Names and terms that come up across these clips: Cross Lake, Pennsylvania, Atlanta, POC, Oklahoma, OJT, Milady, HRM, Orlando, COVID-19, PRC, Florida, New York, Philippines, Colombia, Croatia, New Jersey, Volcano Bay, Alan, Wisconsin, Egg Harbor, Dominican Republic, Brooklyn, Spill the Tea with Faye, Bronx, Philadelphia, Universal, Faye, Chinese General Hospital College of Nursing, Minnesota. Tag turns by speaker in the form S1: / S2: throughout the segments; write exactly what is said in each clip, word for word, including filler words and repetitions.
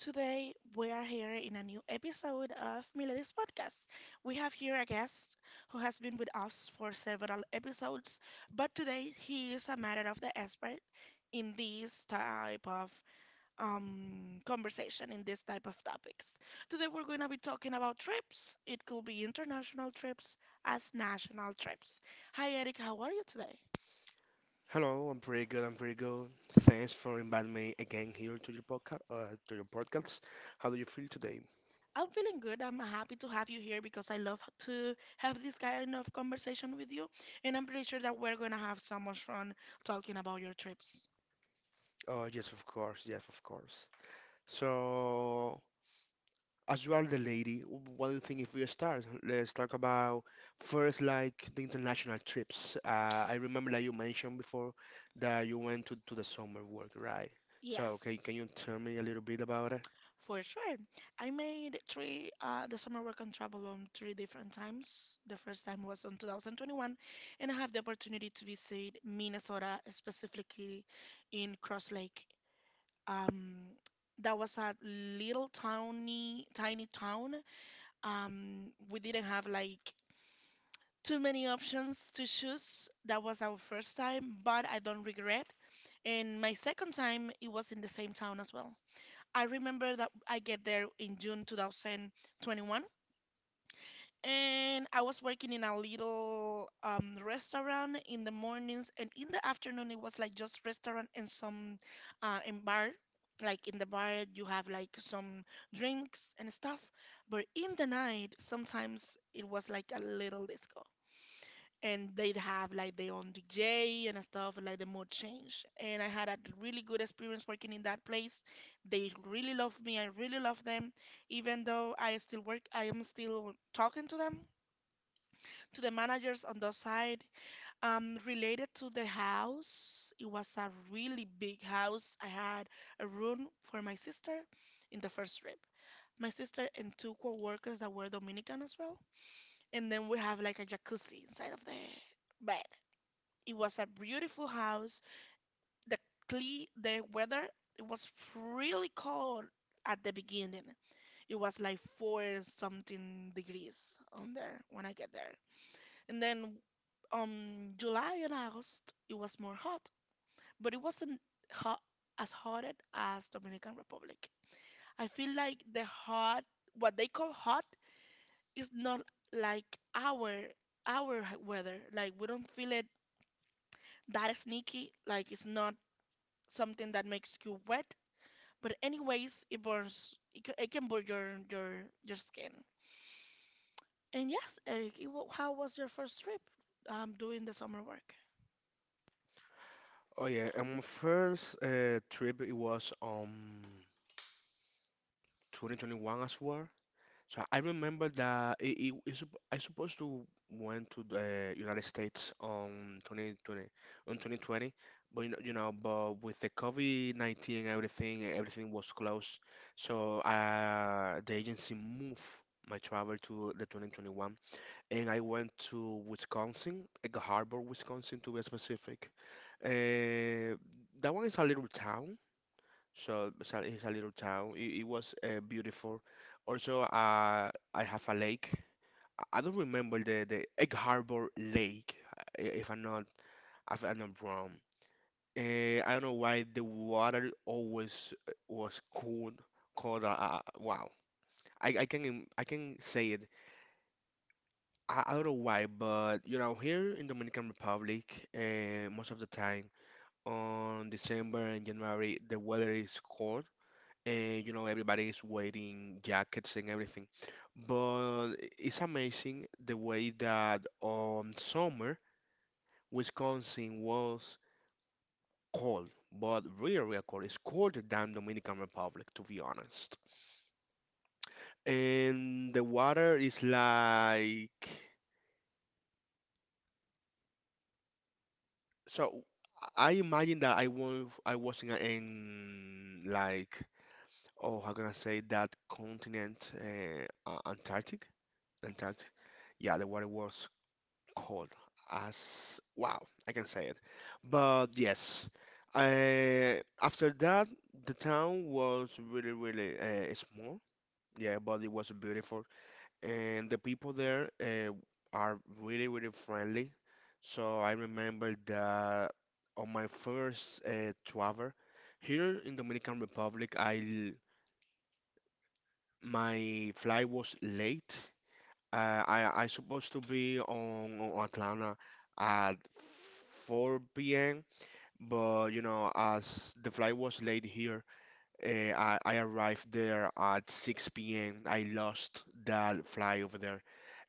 S1: Today we are here in a new episode of Milady's podcast. We have here a guest who has been with us for several episodes, but today he is a matter of the expert in this type of um, conversation, in this type of topics. Today we're going to be talking about trips. It could be international trips as national trips. Hi, Eric, how are you today?
S2: Hello, I'm pretty good. I'm pretty good. Thanks for inviting me again here to your podcast. Uh, to your podcast. How do you feel today?
S1: I'm feeling good. I'm happy to have you here because I love to have this kind of conversation with you, and I'm pretty sure that we're gonna have so much fun talking about your trips.
S2: Oh, yes, of course. Yes, of course. So, as you are the lady, what do you think if we start? Let's talk about first, like the international trips. Uh, I remember that you mentioned before that you went to, to the summer work, right? So, can
S1: Yes.
S2: can you tell me a little bit about it?
S1: For sure. I made three, uh, the summer work and travel on three different times. The first time was on two thousand twenty-one, and I have the opportunity to visit Minnesota, specifically in Cross Lake. Um, that was a little tiny, tiny town. Um, we didn't have like too many options to choose. That was our first time, but I don't regret. And my second time, it was in the same town as well. I remember that I get there in June two thousand twenty-one, and I was working in a little um, restaurant in the mornings, and in the afternoon it was like just restaurant and some uh, and bar. Like in the bar, you have like some drinks and stuff, but in the night, sometimes it was like a little disco and they'd have like their own D J and stuff, like the mood change. And I had a really good experience working in that place. They really love me. I really love them. Even though I still work, I am still talking to them, to the managers on the side. Um, related to the house, it was a really big house. I had a room for my sister in the first trip. My sister and two co-workers that were Dominican as well. And then we have like a jacuzzi inside of the bed. It was a beautiful house. The cle the weather it was really cold at the beginning. It was like four something degrees on there when I get there. And then um July and August it was more hot, but it wasn't hot as hot as Dominican Republic. I feel like the hot what they call hot is not like our our weather. Like we don't feel it that sneaky. Like it's not something that makes you wet, but anyways, it burns. It, ca- it can burn your your your skin. And yes, Eric, it, wa- how was your first trip? Um, doing the summer work.
S2: Oh yeah, and my first uh, trip it was um twenty twenty-one as well. So I remember that it, it, it's supp- I supposed to went to the United States on two thousand twenty on twenty twenty, but you know, you know, but with the COVID nineteen everything everything was closed. So uh, the agency moved my travel to the twenty twenty-one, and I went to Wisconsin, Egg Harbor, Wisconsin to be specific. Uh, that one is a little town. So it's a, it's a little town. It, it was uh, beautiful. Also, uh, I have a lake. I I don't remember the, the Egg Harbor Lake, uh, i- if I'm not if I'm not wrong. Uh, I don't know why the water always uh, was cold, cold. Uh, uh, wow, I, I can im- I can say it. I, I don't know why, but you know, here in Dominican Republic, uh, most of the time on December and January, the weather is cold, and you know everybody is wearing jackets and everything. But it's amazing the way that on summer Wisconsin was cold, but real, real cold. It's colder than Dominican Republic, to be honest. And the water is like so. I imagine that I was I was in, a- in like, oh, how can I say that continent, uh, uh, Antarctic Antarctic. Yeah, the water was Cold as, wow, I can say it. But yes, I, after that, the town was really, really uh, small. Yeah, but it was beautiful, and the people there uh, are really, really friendly. So I remember that on my first uh, travel here in Dominican Republic, I l- my flight was late. uh, I I supposed to be on, on Atlanta at four p m. But you know, as the flight was late here, uh, I I arrived there at six p m. I lost that flight over there,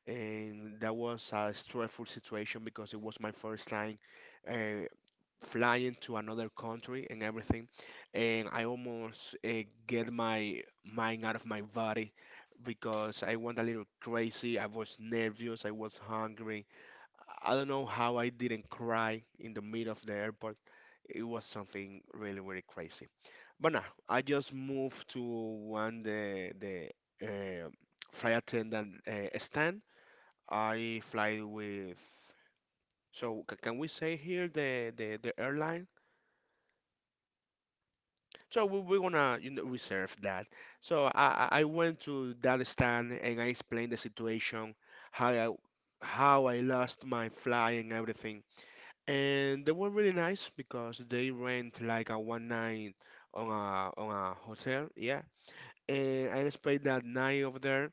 S2: and that was a stressful situation because it was my first time, Uh, flying to another country and everything, and I almost uh, get my mind out of my body because I went a little crazy. I was nervous. I was hungry. I don't know how I didn't cry in the middle of the airport. It was something really, really crazy. But now I just moved to one, the the uh, flight attendant uh, stand I fly with. So c- can we say here the the the airline? So we, we're gonna, you know, reserve that. So I, I I went to that stand and I explained the situation, how I how I lost my fly and everything. And they were really nice because they rent like a one night on a on a hotel, yeah. And I spent that night over there.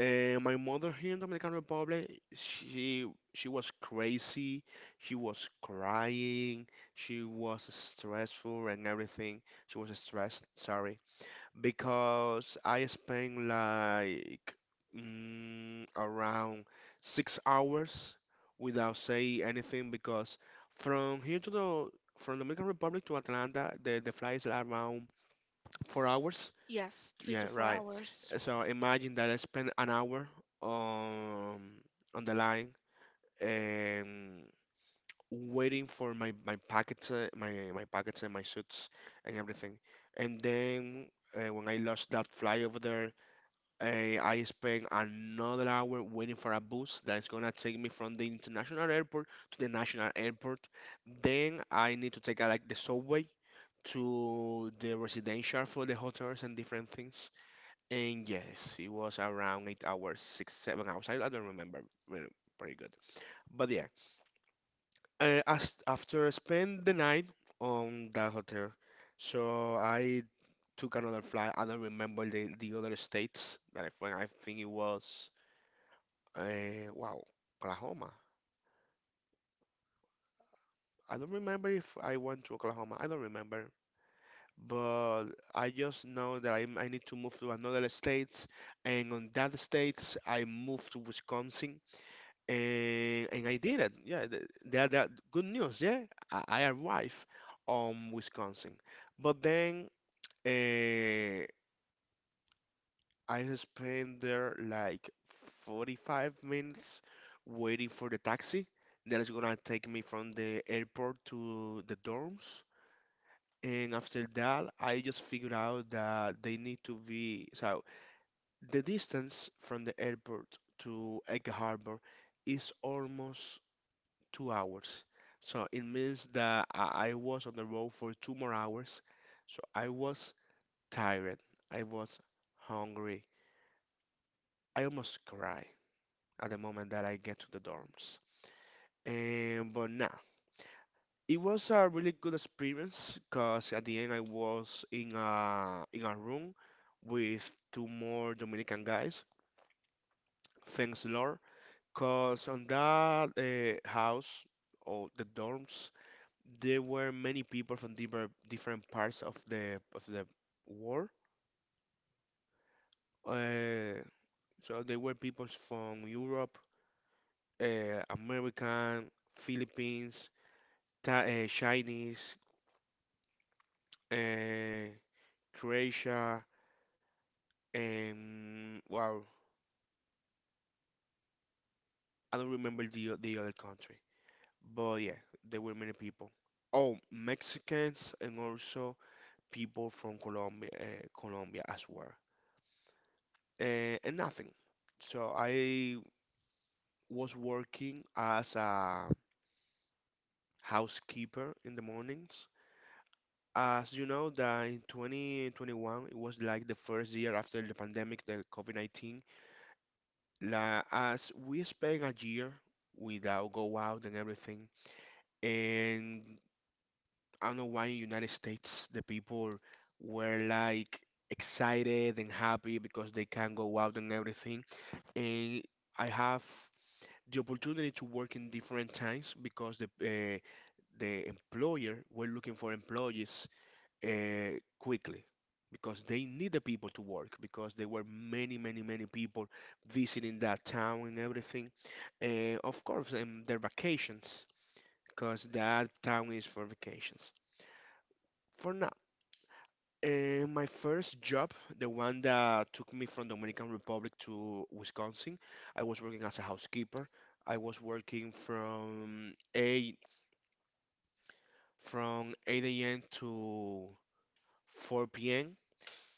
S2: And my mother here in Dominican Republic, she she was crazy. She was crying. She was stressful and everything. She was stressed, sorry, because I spend like, mm, around six hours without saying anything because from here to the from Dominican Republic to Atlanta, the the flight is around four hours.
S1: Yes, three to
S2: Yeah,
S1: four
S2: right.
S1: hours.
S2: So imagine that I spend an hour um on the line and waiting for my my packets, uh, my my packets and my suits and everything. And then uh, when I lost that fly over there, Eh, I spent another hour waiting for a bus that's gonna take me from the international airport to the national airport. Then I need to take uh, like the subway to the residential for the hotels and different things. And yes, it was around eight hours, six, seven hours. I, I don't remember really pretty good. But yeah, uh, as, after I spent the night on that hotel, so I took another flight. I don't remember the, the other states that I went. I think it was. Uh, wow, Oklahoma. I don't remember if I went to Oklahoma. I don't remember. But I just know that I, I need to move to another states, and on that states I moved to Wisconsin, and and I did it. Yeah, th- that that good news. Yeah, I, I arrived on Wisconsin, but then. Uh, I spent there like forty-five minutes waiting for the taxi that is gonna take me from the airport to the dorms. And after that, I just figured out that they need to be so the distance from the airport to Egg Harbor is almost two hours. So it means that I I was on the road for two more hours. So I was tired. I was hungry. I almost cried at the moment that I get to the dorms. And but nah, it was a really good experience because at the end I was in a in a room with two more Dominican guys. Thanks, Lord, because on that uh, house or the dorms there were many people from different different parts of the of the world. Uh, so there were people from Europe, uh, American, Philippines, Tha- uh, Chinese, uh, Croatia, and wow, I don't remember the o- the other country, but yeah, there were many people. Oh, Mexicans and also people from Colombia, uh, Colombia as well, uh, and nothing. So I was working as a housekeeper in the mornings. As you know, that in two thousand twenty-one, it was like the first year after the pandemic, the COVID nineteen. La, as we spent a year without go out and everything, and I don't know why in United States the people were like excited and happy because they can go out and everything. And I have the opportunity to work in different times because the uh, the employer were looking for employees uh, quickly because they need the people to work because there were many many many people visiting that town and everything, uh, of course, and their vacations, because that town is for vacations. For now, uh, my first job, the one that took me from Dominican Republic to Wisconsin, I was working as a housekeeper. I was working from 8 from eight a.m. to four p.m.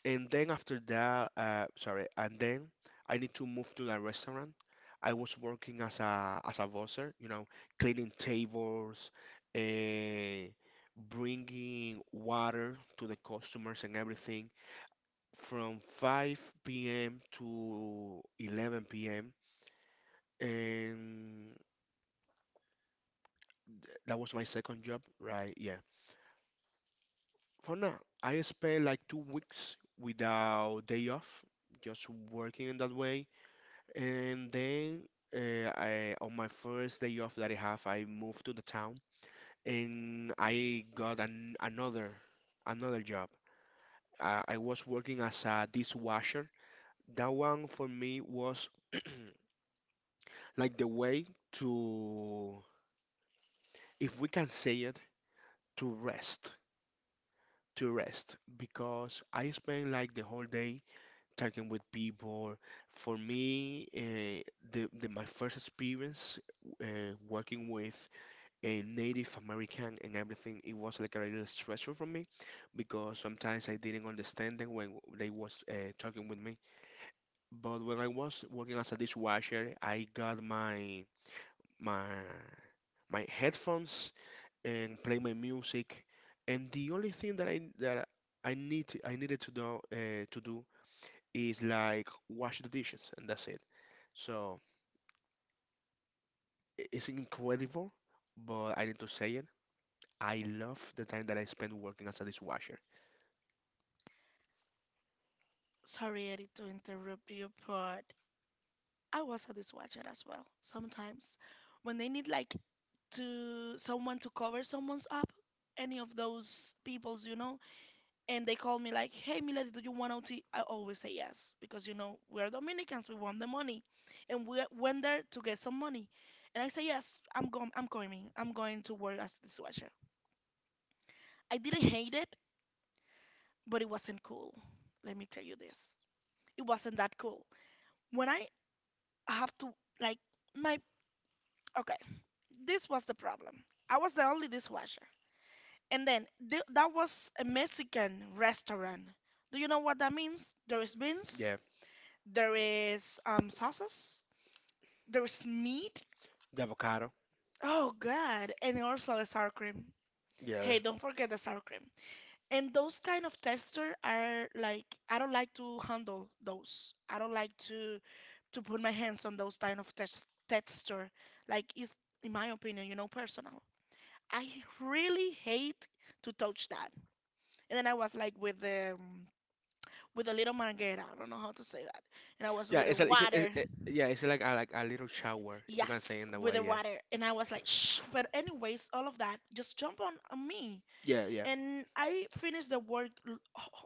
S2: And then after that, uh, sorry, and then I need to move to the restaurant. I was working as a as a busser, you know, cleaning tables, uh, bringing water to the customers and everything from five p m to eleven p m. And that was my second job, right? Yeah. For now, I spent like two weeks without day off, just working in that way. And then uh, I, on my first day off that I have, I moved to the town and I got an, another another job. Uh, I was working as a dishwasher. That one for me was like the way to, if we can say it, to rest, to rest, because I spend like the whole day talking with people. For me, uh, the, the my first experience uh, working with a Native American and everything, it was like a little stressful for me because sometimes I didn't understand them when they was uh, talking with me. But when I was working as a dishwasher, I got my my my headphones and play my music. And the only thing that I that I need I needed to do uh, to do is like wash the dishes, and that's it. So i- it's incredible, but I need to say it. I love the time that I spent working as a dishwasher.
S1: Sorry, Eric, to interrupt you, but I was a dishwasher as well. Sometimes, when they need like to someone to cover someone's up, any of those peoples, you know, and they call me like, "Hey, Milady, do you want O T?" I always say yes because you know we are Dominicans, we want the money, and we went there to get some money. And I say yes, I'm going, I'm going, I'm going to work as a dishwasher. I didn't hate it, but it wasn't cool. Let me tell you this, it wasn't that cool. When I have to, like, my, okay, this was the problem. I was the only dishwasher, and then th- that was a Mexican restaurant. Do you know what that means? There is
S2: Yeah,
S1: beans. There is um sauces. There's meat.
S2: the avocado.
S1: Oh God, and also the sour cream.
S2: Yeah,
S1: Hey, don't forget the sour cream. And those kind of texture are like I don't like to handle those. I don't like to to put my hands on those kind of tex texture. Like it's in my opinion, you know, personal. I really hate to touch that. And then I was like with the um, with a little manguera. I don't know how to say that. And I was
S2: yeah.
S1: with the
S2: It's like it, it,
S1: water.
S2: it, yeah, it's like a, like a little shower, if we can say
S1: Yes,
S2: in that
S1: with
S2: way.
S1: the
S2: Yeah,
S1: water. And I was like, shh. But anyways, all of that, just jump on, on me.
S2: yeah, yeah,
S1: And I finished the work l-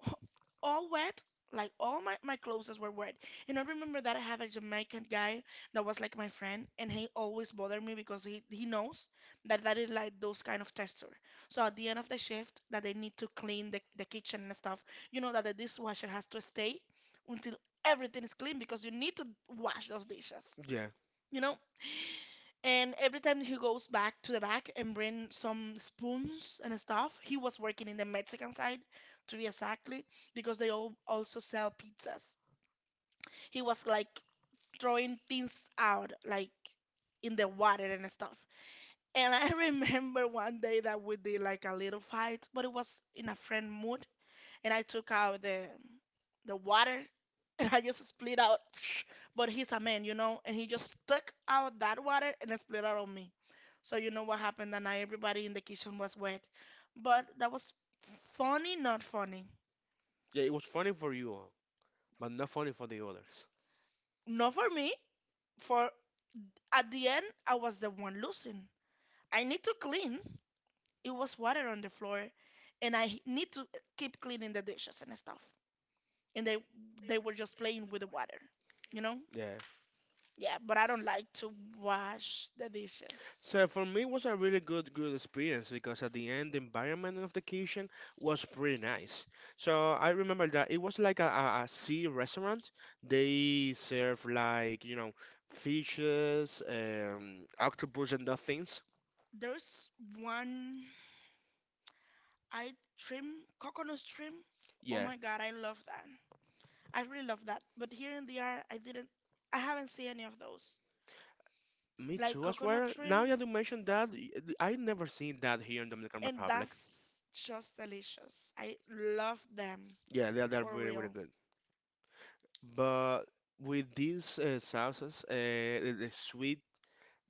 S1: all wet. Like all my, my clothes were wet. And I remember that I have a Jamaican guy that was like my friend, and he always bothered me because he, he knows that that is like those kind of texture. So at the end of the shift, that they need to clean the, the kitchen and stuff, you know that the dishwasher has to stay until everything is clean because you need to wash those dishes.
S2: yeah,
S1: You know? And every time he goes back to the back and bring some spoons and stuff, he was working in the Mexican side, to be exactly, because they all also sell pizzas. He was like throwing things out, like in the water and stuff. And I remember one day that we did like a little fight, but it was in a friend mood and I took out the the water and I just split out. But he's a man, you know, and he just stuck out that water and it split out on me. So you know what happened that night? Everybody in the kitchen was wet. But that was funny, not funny.
S2: yeah. It was funny for you, but not funny for the others.
S1: Not for me. For at the end, I was the one losing. I need to clean. It was water on the floor, and I need to keep cleaning the dishes and stuff. And they they were just playing with the water, you know.
S2: Yeah.
S1: Yeah, but I don't like to wash the dishes.
S2: So for me, it was a really good good experience because at the end, the environment of the kitchen was pretty nice. So I remember that it was like a, a, a sea restaurant. They serve like, you know fishes, um, octopus, and those things.
S1: There's one I trim, coconut trim. Oh
S2: Yeah,
S1: my God, I love that. I really love that. But here in the art, I didn't, I haven't seen any of those.
S2: me
S1: Like
S2: too. I
S1: coconut
S2: swear. Now
S1: trim,
S2: that you mentioned that, y- I never seen that here in Dominican
S1: and
S2: Republic.
S1: that's just delicious. I love them
S2: Yeah, they're they're
S1: for
S2: really, really
S1: real.
S2: good. But with these uh, sauces, uh, the, the sweet,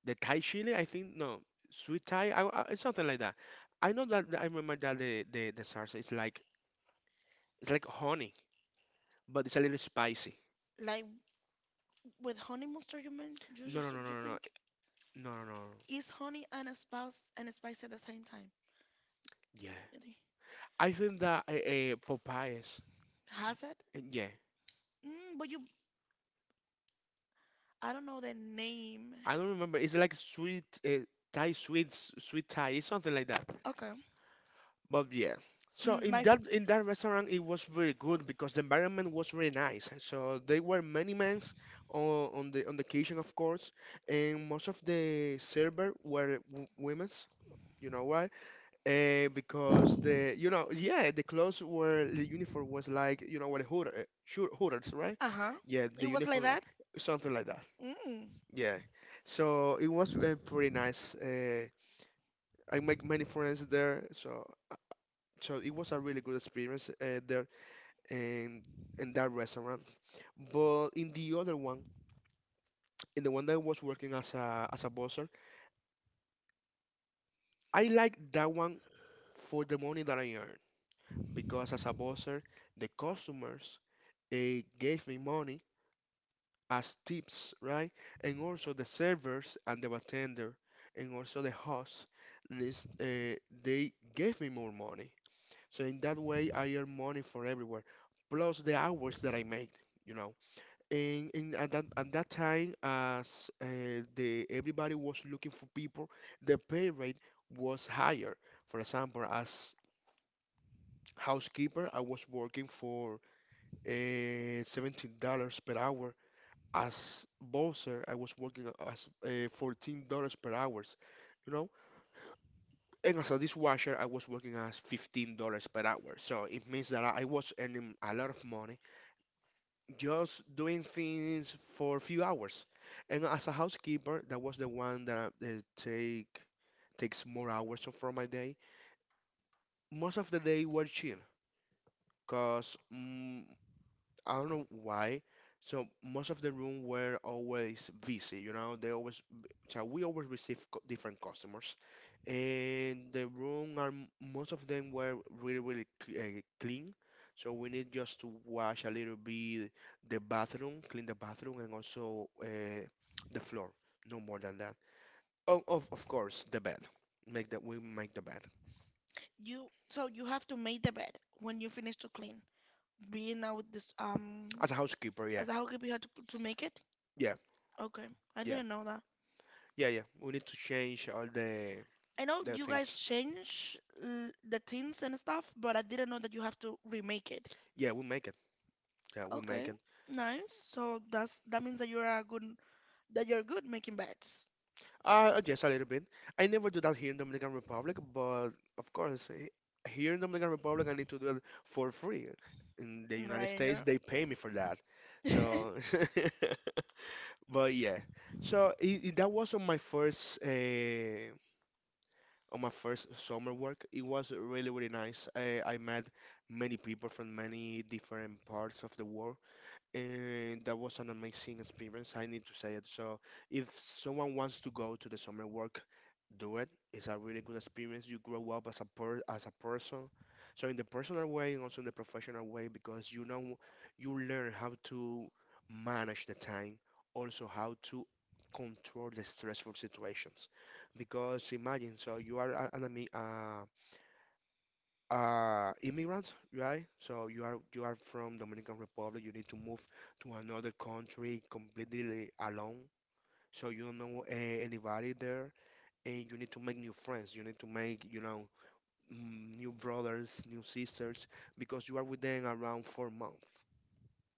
S2: the Thai chili, I think, no, sweet Thai, I, I, it's something like that. I know that I remember that the, the, the salsa is like it's like honey, but it's a little spicy.
S1: Like with honey mustard, you mean you
S2: No, no,
S1: just
S2: no,
S1: you
S2: no, no,
S1: think
S2: no, no, no. No.
S1: is honey and spice and spice at the same time?
S2: Yeah,
S1: Really?
S2: I think that uh, uh, Popeyes.
S1: Has it?
S2: uh, Yeah,
S1: Mm, but you, I don't know the name.
S2: I don't remember. It's like sweet, uh, Thai sweet, s- sweet Thai. It's something like that.
S1: Okay.
S2: But yeah, so
S1: Mm,
S2: in
S1: My f-
S2: that in that restaurant it was very good because the environment was very nice. So there were many men on, on the on the kitchen, of course, and most of the server were w women's. You know why? Uh, because the you know yeah the clothes were the uniform was like you know what hooter sure hooters right?
S1: uh-huh.
S2: Yeah, the
S1: It was like
S2: uniform
S1: that.
S2: something like that.
S1: Mm.
S2: Yeah, so it was uh, pretty nice. Uh, I make many friends there, so. So it was a really good experience uh, there and in that restaurant. But in the other one, in the one that I was working as a as a buzzer, I like that one for the money that I earned because as a buzzer, the customers eh, gave me money as tips, right? And also the servers and the bartender and also the host, this, eh, they gave me more money. So in that way, I earn money for everywhere, plus the hours that I made, you know. And, and at that at that time, as uh, the everybody was looking for people, the pay rate was higher. For example, as housekeeper, I was working for uh, seventeen dollars per hour. As boxer, I was working as uh, fourteen dollars per hour. You know, and as a dishwasher, I was working as fifteen dollars per hour. So it means that I I was earning a lot of money just doing things for a few hours. And as a housekeeper, that was the one that uh, take takes more hours of from my day. Most of the day were chill, cause mm I don't know why. So most of the room were always busy, you know. They always, b- so we always receive co- different customers, and the room are m- most of them were really really cl- uh, clean. So we need just to wash a little bit the bathroom, clean the bathroom, and also uh, the floor. No more than that. Oh, of of course, the bed. Make that we make the bed
S1: You so you have to make the bed when you finish to clean. Being now with this um
S2: as a housekeeper. Yeah,
S1: as a housekeeper, you have to to make it.
S2: yeah,
S1: Okay, I
S2: yeah,
S1: didn't know that.
S2: yeah, yeah. We need to change all the
S1: I know
S2: the
S1: you guys
S2: things.
S1: change uh, the tins and stuff, but I didn't know that you have to remake it.
S2: Yeah, we make it. Yeah, we make
S1: Okay,
S2: it.
S1: nice. So that's that means that you're a good that you're good making beds.
S2: Uh, yes, a little bit. I never do that here in Dominican Republic, but of course, he- here in Dominican Republic, I need to do it for free. In the United
S1: Right,
S2: States,
S1: girl.
S2: they pay me for that. So, but yeah. So i i- that was on my first uh, on my first summer work. It was really really nice. I, I met many people from many different parts of the world. And that was an amazing experience, I need to say it. So, if someone wants to go to the summer work, do it. It's a really good experience. You grow up as a per as a person. So, in the personal way and also in the professional way, because you know you learn how to manage the time, also how to control the stressful situations. Because imagine, so you are a- an ami- uh, uh immigrants, right? So you are you are from Dominican Republic. You need to move to another country completely alone, so you don't know uh, anybody there, and you need to make new friends. You need to make, you know, mm, new brothers, new sisters, because you are with them around four months,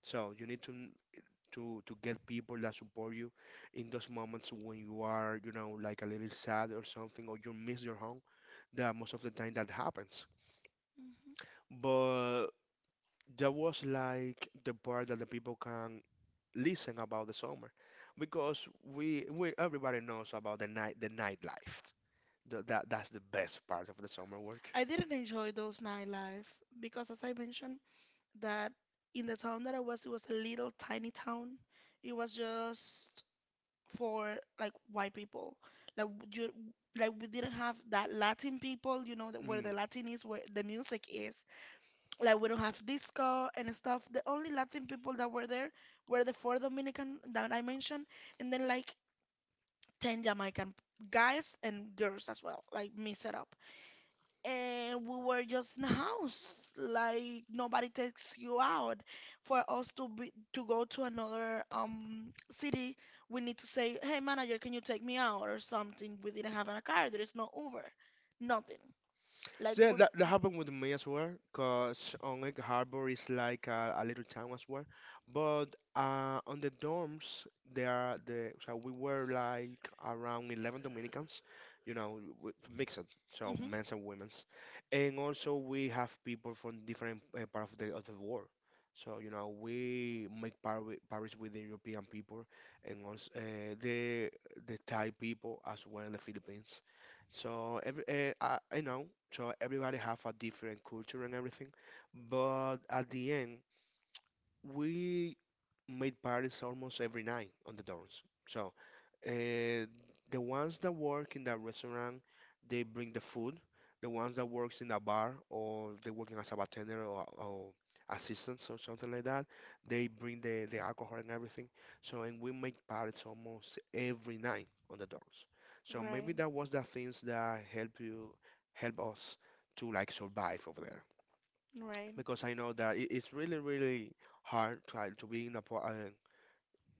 S2: so you need to n- to to get people that support you in those moments when you are, you know, like a little sad or something, or you miss your home, that most of the time that happens.
S1: Mhm.
S2: But that was like the part that the people can listen about the summer, because we we everybody knows about the night the nightlife. Th- that that's the best part of the summer work.
S1: I didn't enjoy those nightlife because, as I mentioned, that in the town that I was, it was a little tiny town. It was just for like white people. Like w- you, like we didn't have that Latin people, you know, that where
S2: Mm.
S1: the Latin is, where the music is. Like we don't have disco and stuff. The only Latin people that were there were the four Dominican that I mentioned, and then like ten Jamaican guys and girls as well, like mix it up. And we were just in a house, like nobody takes you out. For us to be to go to another um city, we need to say, "Hey manager, can you take me out?" or something. We didn't have a car. There is no Uber, nothing. Like
S2: So, yeah,
S1: we,
S2: that, that happened with me as well, because on Oneg Harbor is like a, a little town as well. But uh, on the dorms, there are the so we were like around eleven Dominicans, you know, w- mixed, so
S1: Mhm.
S2: men's and women's, and also we have people from different uh, part of the of the world. So you know, we make par Paris with the European people, and also uh, the the Thai people as well in the Philippines. So every uh, I, I know, so everybody have a different culture and everything, but at the end we made parties almost every night on the dorms. So uh, the ones that work in the restaurant, they bring the food. The ones that works in the bar or they working as a bartender or, or assistants or something like that, they bring the, the alcohol and everything. So, and we make parties almost every night on the doors. So maybe
S1: Right,
S2: that was the things that help you, help us to like survive over there.
S1: right.
S2: Because I know that it, it's really, really hard to, uh, to be in a, po- uh,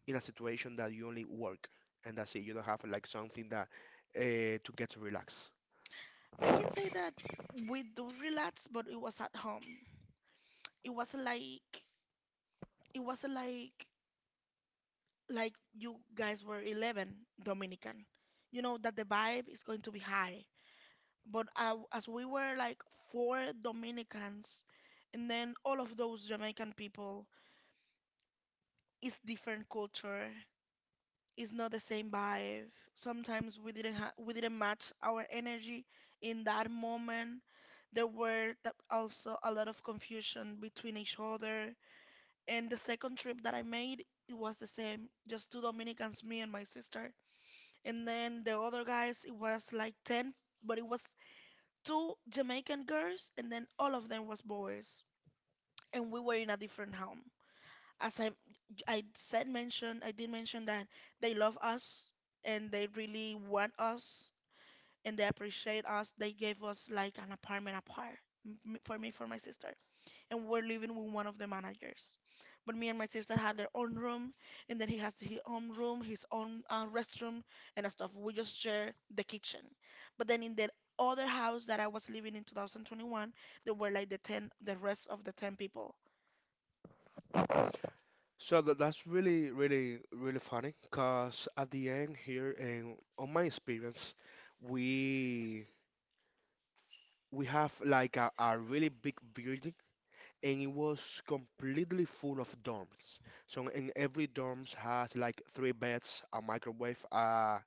S2: in a situation that you only work and that's it. You don't have like something that uh, to get to relax.
S1: I can say that we do relax, but it was at home. It was like it was like like you guys were eleven Dominican. You know that the vibe is going to be high. But uh, as we were like four Dominicans, and then all of those Jamaican people, it's different culture. It's not the same vibe. Sometimes we didn't ha we didn't match our energy in that moment. There were th- also a lot of confusion between each other. And the second trip that I made, it was the same, just two Dominicans, me and my sister. And then the other guys, it was like ten, but it was two Jamaican girls, and then all of them was boys. And we were in a different home. As I, I said, mentioned, I did mention that they love us and they really want us and they appreciate us. They gave us like an apartment apart m- for me, for my sister and we're living with one of the managers. But me and my sister had their own room, and then he has his own room, his own uh, restroom, and stuff. We just share the kitchen. But then in the other house that I was living in twenty twenty-one, there were like the ten, the rest of the ten people.
S2: So tha- that's really, really, really funny because at the end here, and on my experience, we we have like a, a really big building and it was completely full of dorms. So in every dorms has like three beds, a microwave, a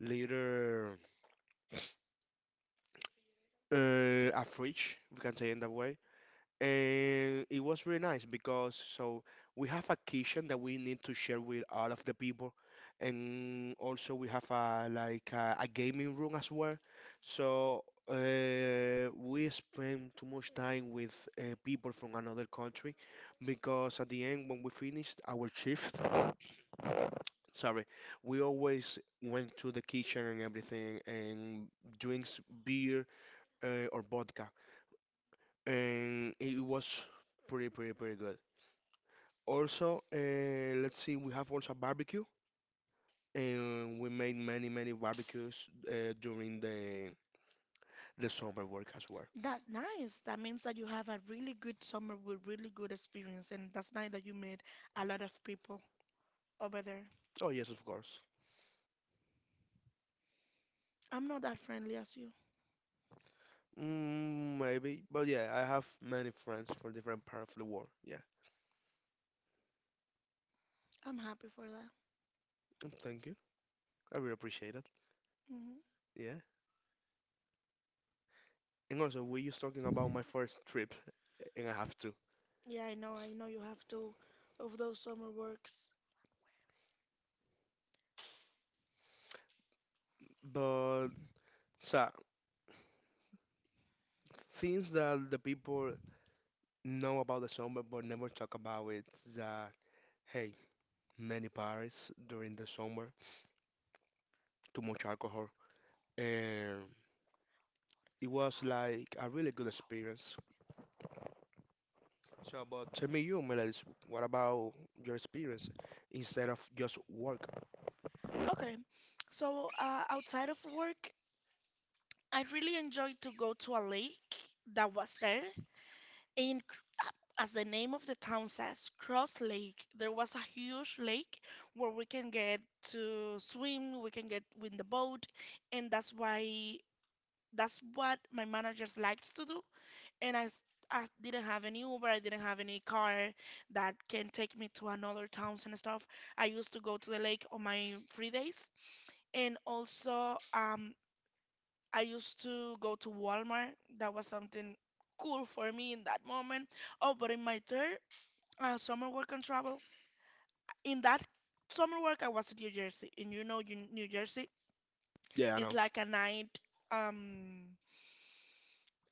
S2: little uh, a fridge, we can say in that way. And it was really nice because so we have a kitchen that we need to share with all of the people, and also we have a like a, a gaming room as well. So uh, we spend too much time with uh, people from another country because at the end when we finished our shift, sorry, we always went to the kitchen and everything and drinks beer uh, or vodka, and it was pretty pretty pretty good. Also, uh, let's see, we have also barbecue, and we made many, many barbecues uh, during the the summer work as well.
S1: That nice. That means that you have a really good summer with really good experience, and that's nice that you made a lot of people over there.
S2: Oh yes, of course.
S1: I'm not that friendly as you.
S2: Mm, maybe, but yeah, I have many friends from different parts of the world. Yeah,
S1: I'm happy for that.
S2: and thank you. I really appreciate it.
S1: Hmm.
S2: Yeah, and also we just talking about my first trip, and I have to.
S1: Yeah, I know. I know you have to of those summer works.
S2: But so things that the people know about the summer but never talk about it. Is that, hey, many parties during the summer, too much alcohol, and it was like a really good experience. So, but tell me you, Melody, what about your experience instead of just work?
S1: Okay, so uh, outside of work, I really enjoyed to go to a lake that was there. In, C- uh, as the name of the town says, Cross Lake, there was a huge lake where we can get to swim, we can get with the boat, and that's why that's what my managers likes to do. And I, s- I didn't have any Uber, I didn't have any car that can take me to another towns and stuff. I used to go to the lake on my free days. And also, um, I used to go to Walmart. That was something cool for me in that moment. Oh, but in my third uh, summer work and travel, in that summer work, I was in New Jersey. And you know, you- New Jersey
S2: Yeah, I
S1: is
S2: know.
S1: like a night, um,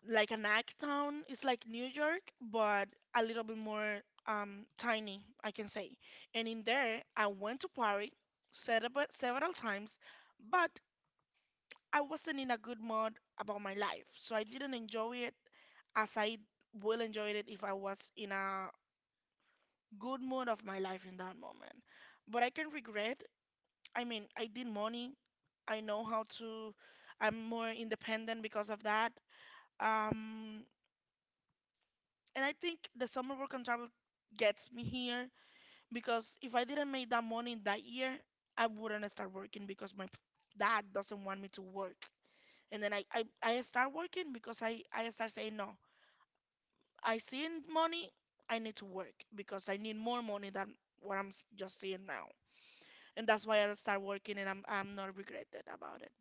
S1: like a night town. It's like New York, but a little bit more um, tiny, I can say. And in there, I went to Paris several, several times, but I wasn't in a good mood about my life, so I didn't enjoy it as I will enjoy it if I was in a good mood of my life in that moment. But I can regret. I mean, I did money. I know how to. I'm more independent because of that. Um, and I think the summer work and travel gets me here because if I didn't make that money that year, I wouldn't start working because my p- dad doesn't want me to work. And then I, I, I start working because I, I start saying no. I see money, I need to work because I need more money than what I'm s- just seeing now. And that's why I start working and I'm I'm not regretted about it.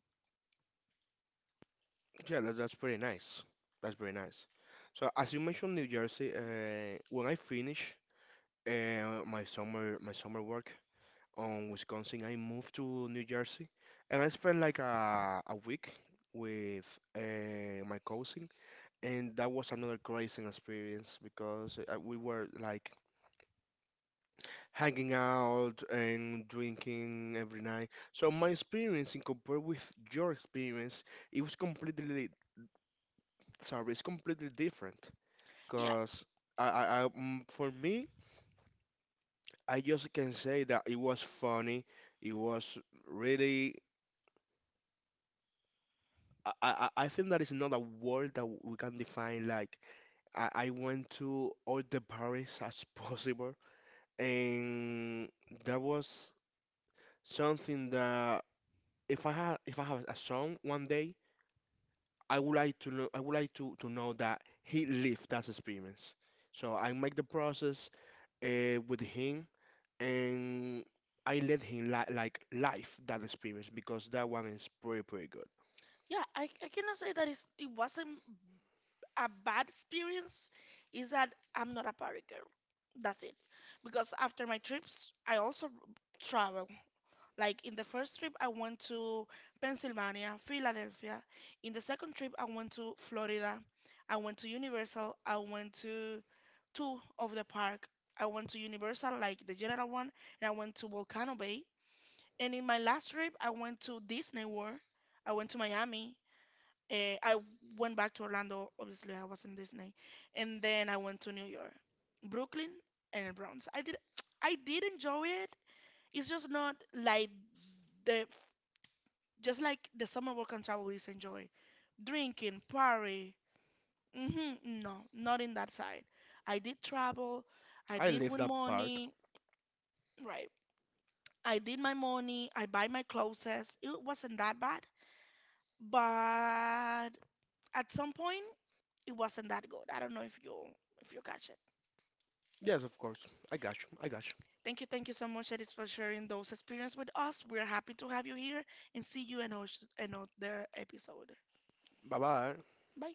S2: Yeah, that, that's pretty nice. That's pretty nice. So, as you mentioned, New Jersey, uh, when I finish uh, my summer my summer work on Wisconsin, I moved to New Jersey, and I spent like a a week with uh, my cousin, and that was another crazy experience because uh, we were like hanging out and drinking every night. So my experience in compared with your experience, it was completely sorry, it's completely different.
S1: Yeah.
S2: Cause I, I, I mm, for me, I just can say that it was funny. It was really. I, I, I I think that is not a word that we can define. Like I, I went to all the parties as possible, and that was something that if I had if I have a song one day. I would like to know I would like to, to know that he lived that experience. So I make the process uh, with him and I let him li like live that experience because that one is pretty pretty good.
S1: Yeah, I, I cannot say that it's, it wasn't a bad experience. Is that I'm not a party girl. That's it. Because after my trips, I also travel. Like in the first trip, I went to Pennsylvania, Philadelphia. In the second trip, I went to Florida. I went to Universal. I went to two of the park. I went to Universal, like the general one, and I went to Volcano Bay. And in my last trip, I went to Disney World. I went to Miami. Uh, I went back to Orlando. Obviously, I was in Disney, and then I went to New York, Brooklyn, and the Bronx. I did, I did enjoy it. It's just not like the just like the summer work and travel is enjoy. Drinking, party. Mm-hmm, no, not in that side. I did travel. I
S2: I
S1: did
S2: live
S1: win
S2: that part.
S1: money. Right. I did my money. I buy my clothes. It wasn't that bad. But at some point, it wasn't that good. I don't know if you if you catch it.
S2: Yes, of course. I got you. I got you.
S1: Thank you, thank you so much, Edis, for sharing those experiences with us. We're happy to have you here and see you in our- in another episode.
S2: Bye bye.
S1: Bye.